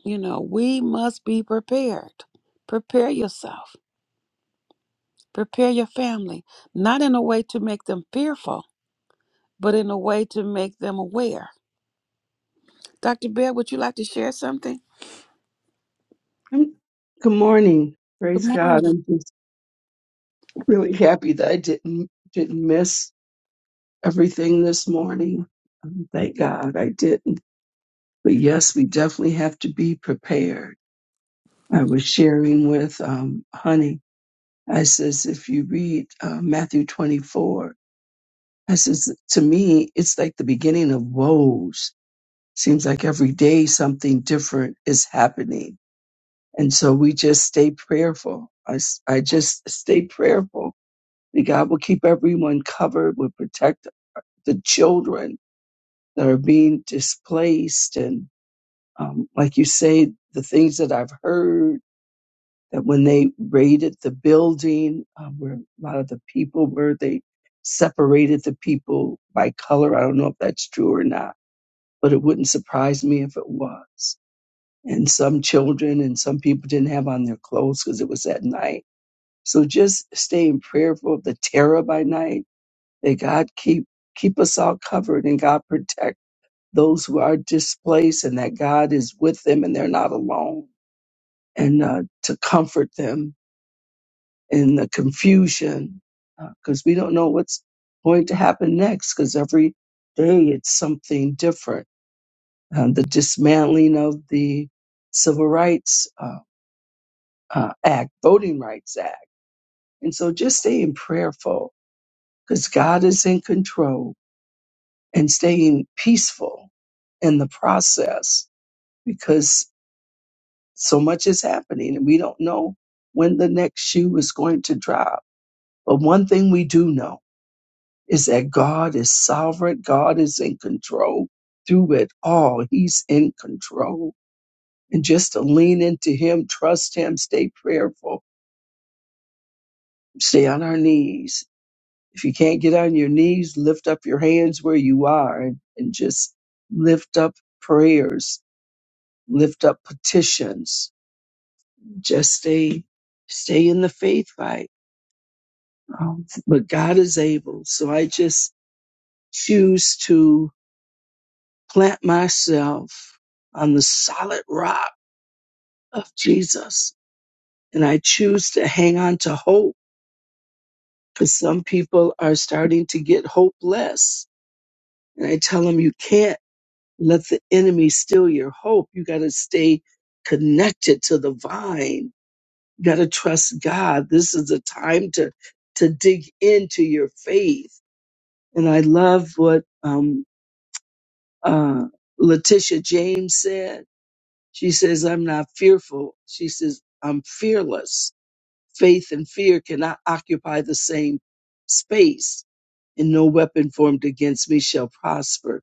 Speaker 1: You know, we must be prepared. Prepare yourself, prepare your family, not in a way to make them fearful, but in a way to make them aware. Dr. Bear, would you like to share something?
Speaker 6: Um, Good morning. Praise
Speaker 1: Good
Speaker 6: God.
Speaker 1: morning.
Speaker 6: I'm just really happy that I didn't didn't miss everything this morning. Um, Thank God I didn't. But yes, we definitely have to be prepared. I was sharing with um, Honey. I says, if you read uh, Matthew 24, I says, to me, it's like the beginning of woes. Seems like every day something different is happening And so we just stay prayerful. I, s- I just stay prayerful that God will keep everyone covered, will protect the children that are being displaced. And um, like you say, the things that I've heard that when they raided the building, um, where a lot of the people were, they separated the people by color. I don't know if that's true or not, but it wouldn't surprise me if it was. And some children and some people didn't have on their clothes because it was at night So just staying prayerful, of the terror by night, that God keep keep us all covered and God protect those who are displaced and that God is with them and they're not alone and uh, to comfort them in the confusion because we don't know what's going to happen next because every day it's something different. Uh, the dismantling of the Civil Rights uh, uh, Act, Voting Rights Act. And so just staying prayerful because God is in control and staying peaceful in the process because so much is happening and we don't know when the next shoe is going to drop. But one thing we do know is that God is sovereign, God is in control through it all. He's in control. And just to lean into Him, trust Him, stay prayerful, stay on our knees, If you can't get on your knees, lift up your hands where you are and, and just lift up prayers, lift up petitions. Just stay stay in the faith fight. Um, but God is able. So I just choose to plant myself on the solid rock of Jesus. And I choose to hang on to hope because some people are starting to get hopeless. And I tell them you can't let the enemy steal your hope. You got to stay connected to the vine. You got to trust God. This is a time to to dig into your faith. And I love what um, uh, Letitia James said. She says, "I'm not fearful." She says, "I'm fearless." Faith and fear cannot occupy the same space, and no weapon formed against me shall prosper.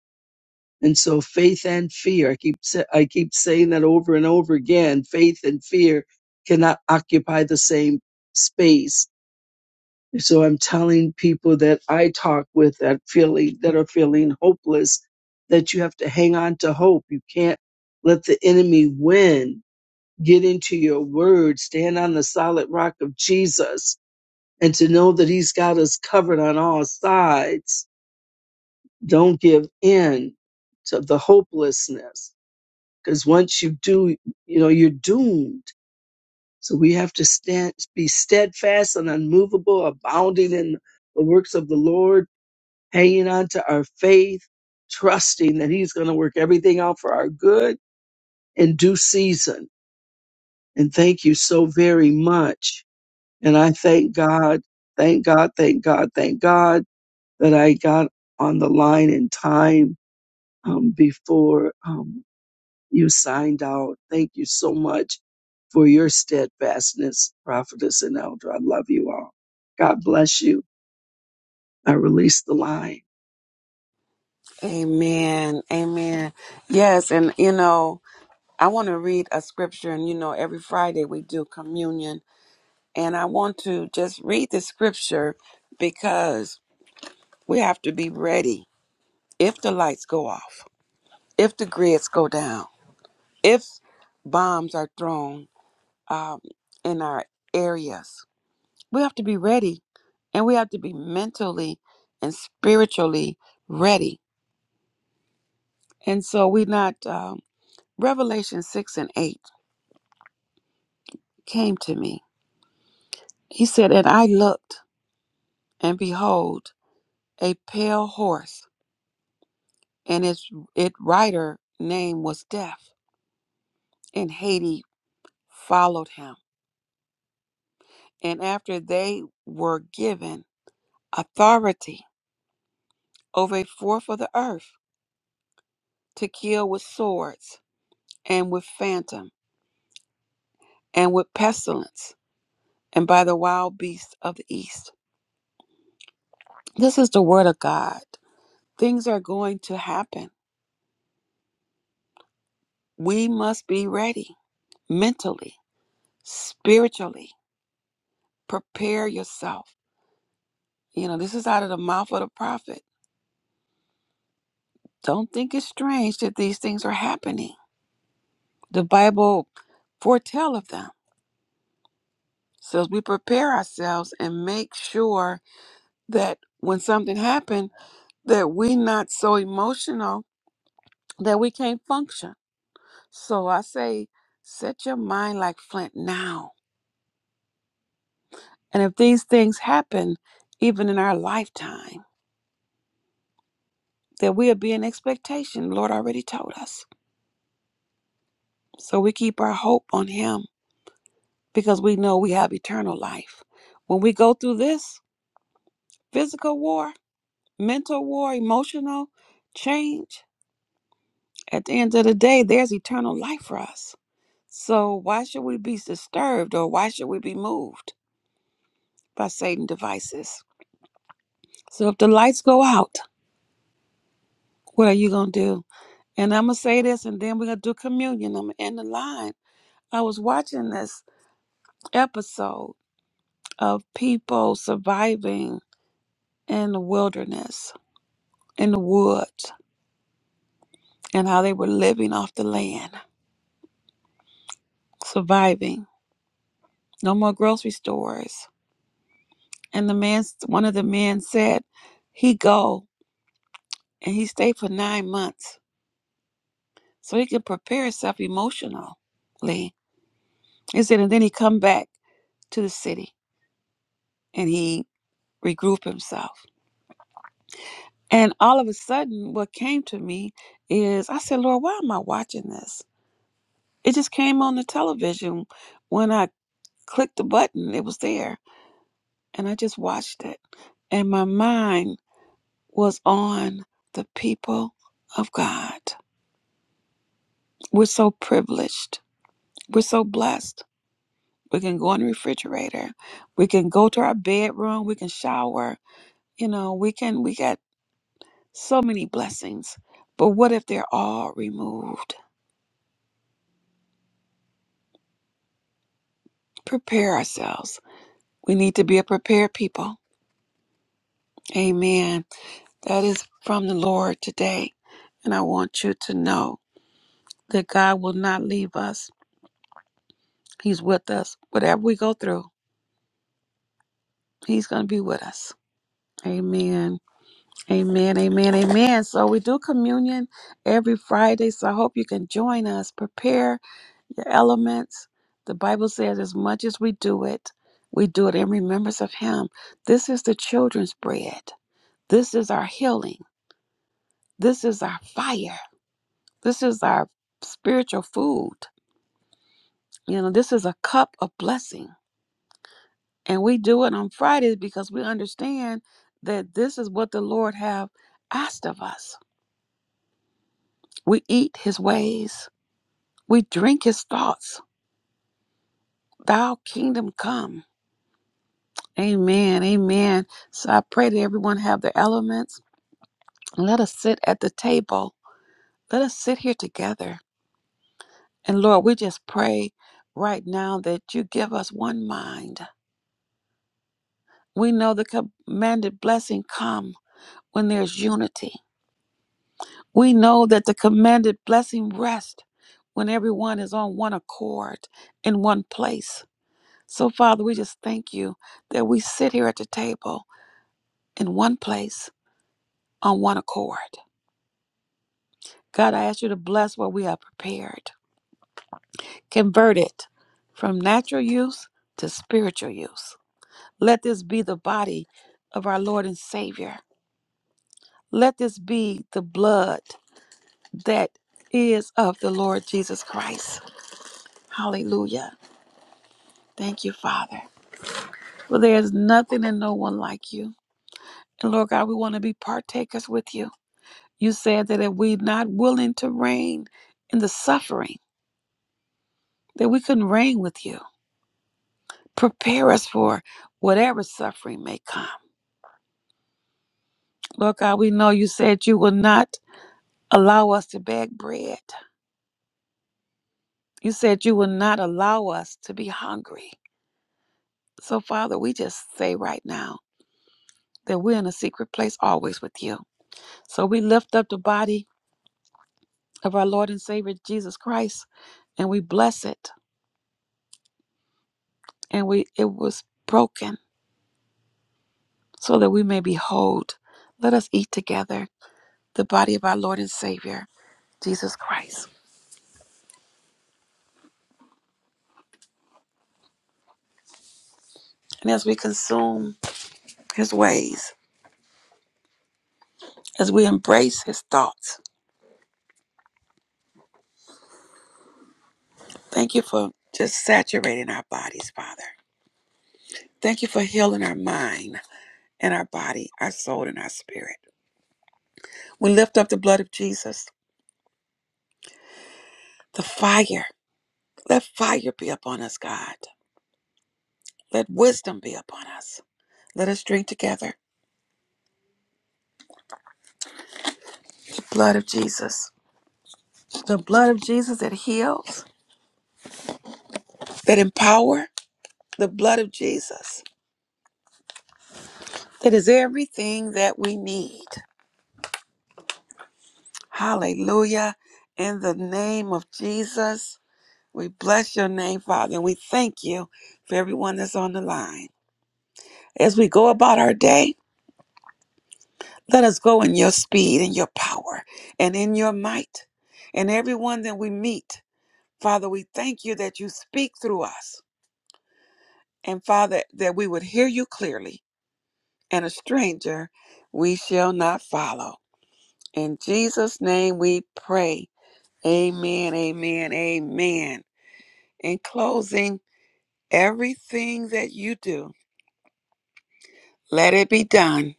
Speaker 6: And so faith and fear, I keep sa- I keep saying that over and over again, faith and fear cannot occupy the same space. So I'm telling people that I talk with that feeling that are feeling hopeless that you have to hang on to hope. You can't let the enemy win. Get into your word, stand on the solid rock of Jesus and to know that he's got us covered on all sides. Don't give in to the hopelessness because once you do, you know, you're doomed. So we have to stand, be steadfast and unmovable, abounding in the works of the Lord, hanging on to our faith, trusting that He's going to work everything out for our good in due season. And thank you so very much. And I thank God, thank God, thank God, thank God that I got on the line in time um, before. Um, You signed out. Thank you so much for your steadfastness, prophetess and elder. I love you all. God bless you. I release the line.
Speaker 1: Amen. Amen. Yes. And, you know, I want to read a scripture, and, you know, every Friday we do communion And I want to just read the scripture because we have to be ready if the lights go off, if the grids go down, if bombs are thrown um, in our areas. We have to be ready and we have to be mentally and spiritually ready. And so we not, um, Revelation 6 and 8 came to me. He said, And I looked, and behold, a pale horse and its it writer name was Death. And Haiti followed him. And after they were given authority over a fourth of the earth to kill with swords and with phantom and with pestilence and by the wild beasts of the east. This is the word of God. Things are going to happen. We must be ready mentally, spiritually. Prepare yourself. You know, this is out of the mouth of the prophet Don't think it's strange that these things are happening. The Bible foretell of them. So as we prepare ourselves and make sure that when something happens, that we are not so emotional that we can't function. So I say, set your mind like flint now. And if these things happen, even in our lifetime, that we'll be in expectation. The Lord already told us. So we keep our hope on Him because we know we have eternal life. When we go through this, physical war, mental war, emotional change. At the end of the day, there's eternal life for us. So why should we be disturbed or why should we be moved by Satan devices? So if the lights go out, what are you gonna do? And I'm gonna say this and then we're gonna do communion. I'm gonna end the line. I was watching this episode of people surviving in the wilderness, in the woods, and how they were living off the land, surviving. no more grocery stores. And the man, one of the men said, he go and he stayed for nine months so he could prepare himself emotionally. He said, and then he come back to the city and he regroup himself. And all of a sudden, what came to me is I said, Lord, why am I watching this? It just came on the television when I clicked the button, it was there. And I just watched it. And my mind was on the people of God. We're so privileged. We're so blessed. We can go in the refrigerator. We can go to our bedroom. We can shower. You know, we can, we got so many blessings. But what if they're all removed? Prepare ourselves. We need to be a prepared people. Amen. That is from the Lord today. And I want you to know that God will not leave us. He's with us. Whatever we go through, He's going to be with us. Amen. Amen. Amen. Amen. So we do communion every Friday. So I hope you can join us. Prepare your elements. The Bible says, as much as we do it, we do it in remembrance of Him. This is the children's bread. This is our healing. This is our fire. This is our spiritual food. You know, this is a cup of blessing. And we do it on Fridays because we understand that this is what the Lord have asked of us We eat his ways. We drink his thoughts. Thou kingdom come. Amen. Amen. So I pray that everyone have their elements. Let us sit at the table. Let us sit here together. And Lord, we just pray right now that you give us one mind. We know the commanded blessing come when there's unity. We know that the commanded blessing rest when everyone is on one accord in one place. So, Father, we just thank you that we sit here at the table in one place on one accord. God, I ask you to bless what we have prepared. Convert it from natural use to spiritual use. Let this be the body of our Lord and Savior. Let this be the blood that is of the Lord Jesus Christ. Hallelujah. Thank you, Father. For there is nothing and no one like you. And Lord God, we want to be partakers with you. You said that if we're not willing to reign in the suffering, that we couldn't reign with you. Prepare us for whatever suffering may come. Lord God, we know you said you will not allow us to beg bread. You said you will not allow us to be hungry. So, Father, we just say right now that we're in a secret place always with you. So, we lift up the body of our Lord and Savior Jesus Christ and we bless it and we it was broken so that we may behold. Let us eat together the body of our Lord and Savior, Jesus Christ. And as we consume his ways, as we embrace his thoughts, thank you for just saturating our bodies, Father. Thank you for healing our mind and our body, our soul and our spirit. We lift up the blood of Jesus, the fire. Let fire be upon us, God. Let wisdom be upon us. Let us drink together the blood of Jesus. The blood of Jesus that heals that empower the blood of Jesus. That is everything that we need. Hallelujah. In the name of Jesus, we bless your name, Father, and we thank you for everyone that's on the line. As we go about our day, let us go in your speed and your power and in your might. And everyone that we meet, Father, we thank you that you speak through us. And Father, that we would hear you clearly, and a stranger we shall not follow. In Jesus' name we pray. Amen, amen, amen. In closing, everything that you do, let it be done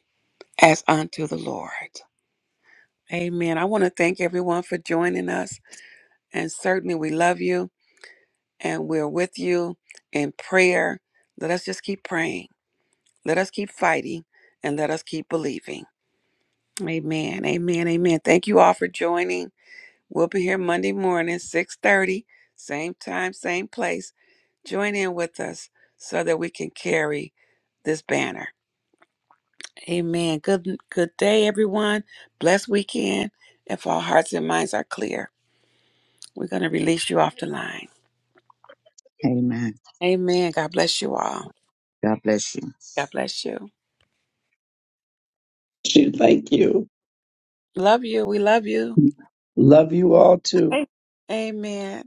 Speaker 1: as unto the Lord. Amen. I want to thank everyone for joining us. And certainly we love you and we're with you in prayer. Let us just keep praying. Let us keep fighting and let us keep believing. Amen. Amen. Amen. Thank you all for joining. We'll be here Monday morning, 6:30, same time, same place. Join in with us so that we can carry this banner. Amen. Good good day, everyone. Blessed weekend. If our hearts and minds are clear, we're going to release you off the line.
Speaker 2: Amen.
Speaker 1: Amen. God bless you all.
Speaker 2: God bless you.
Speaker 1: God bless you.
Speaker 6: Thank you.
Speaker 1: Love you. We love you.
Speaker 6: Love you all too.
Speaker 1: Hey, Amen.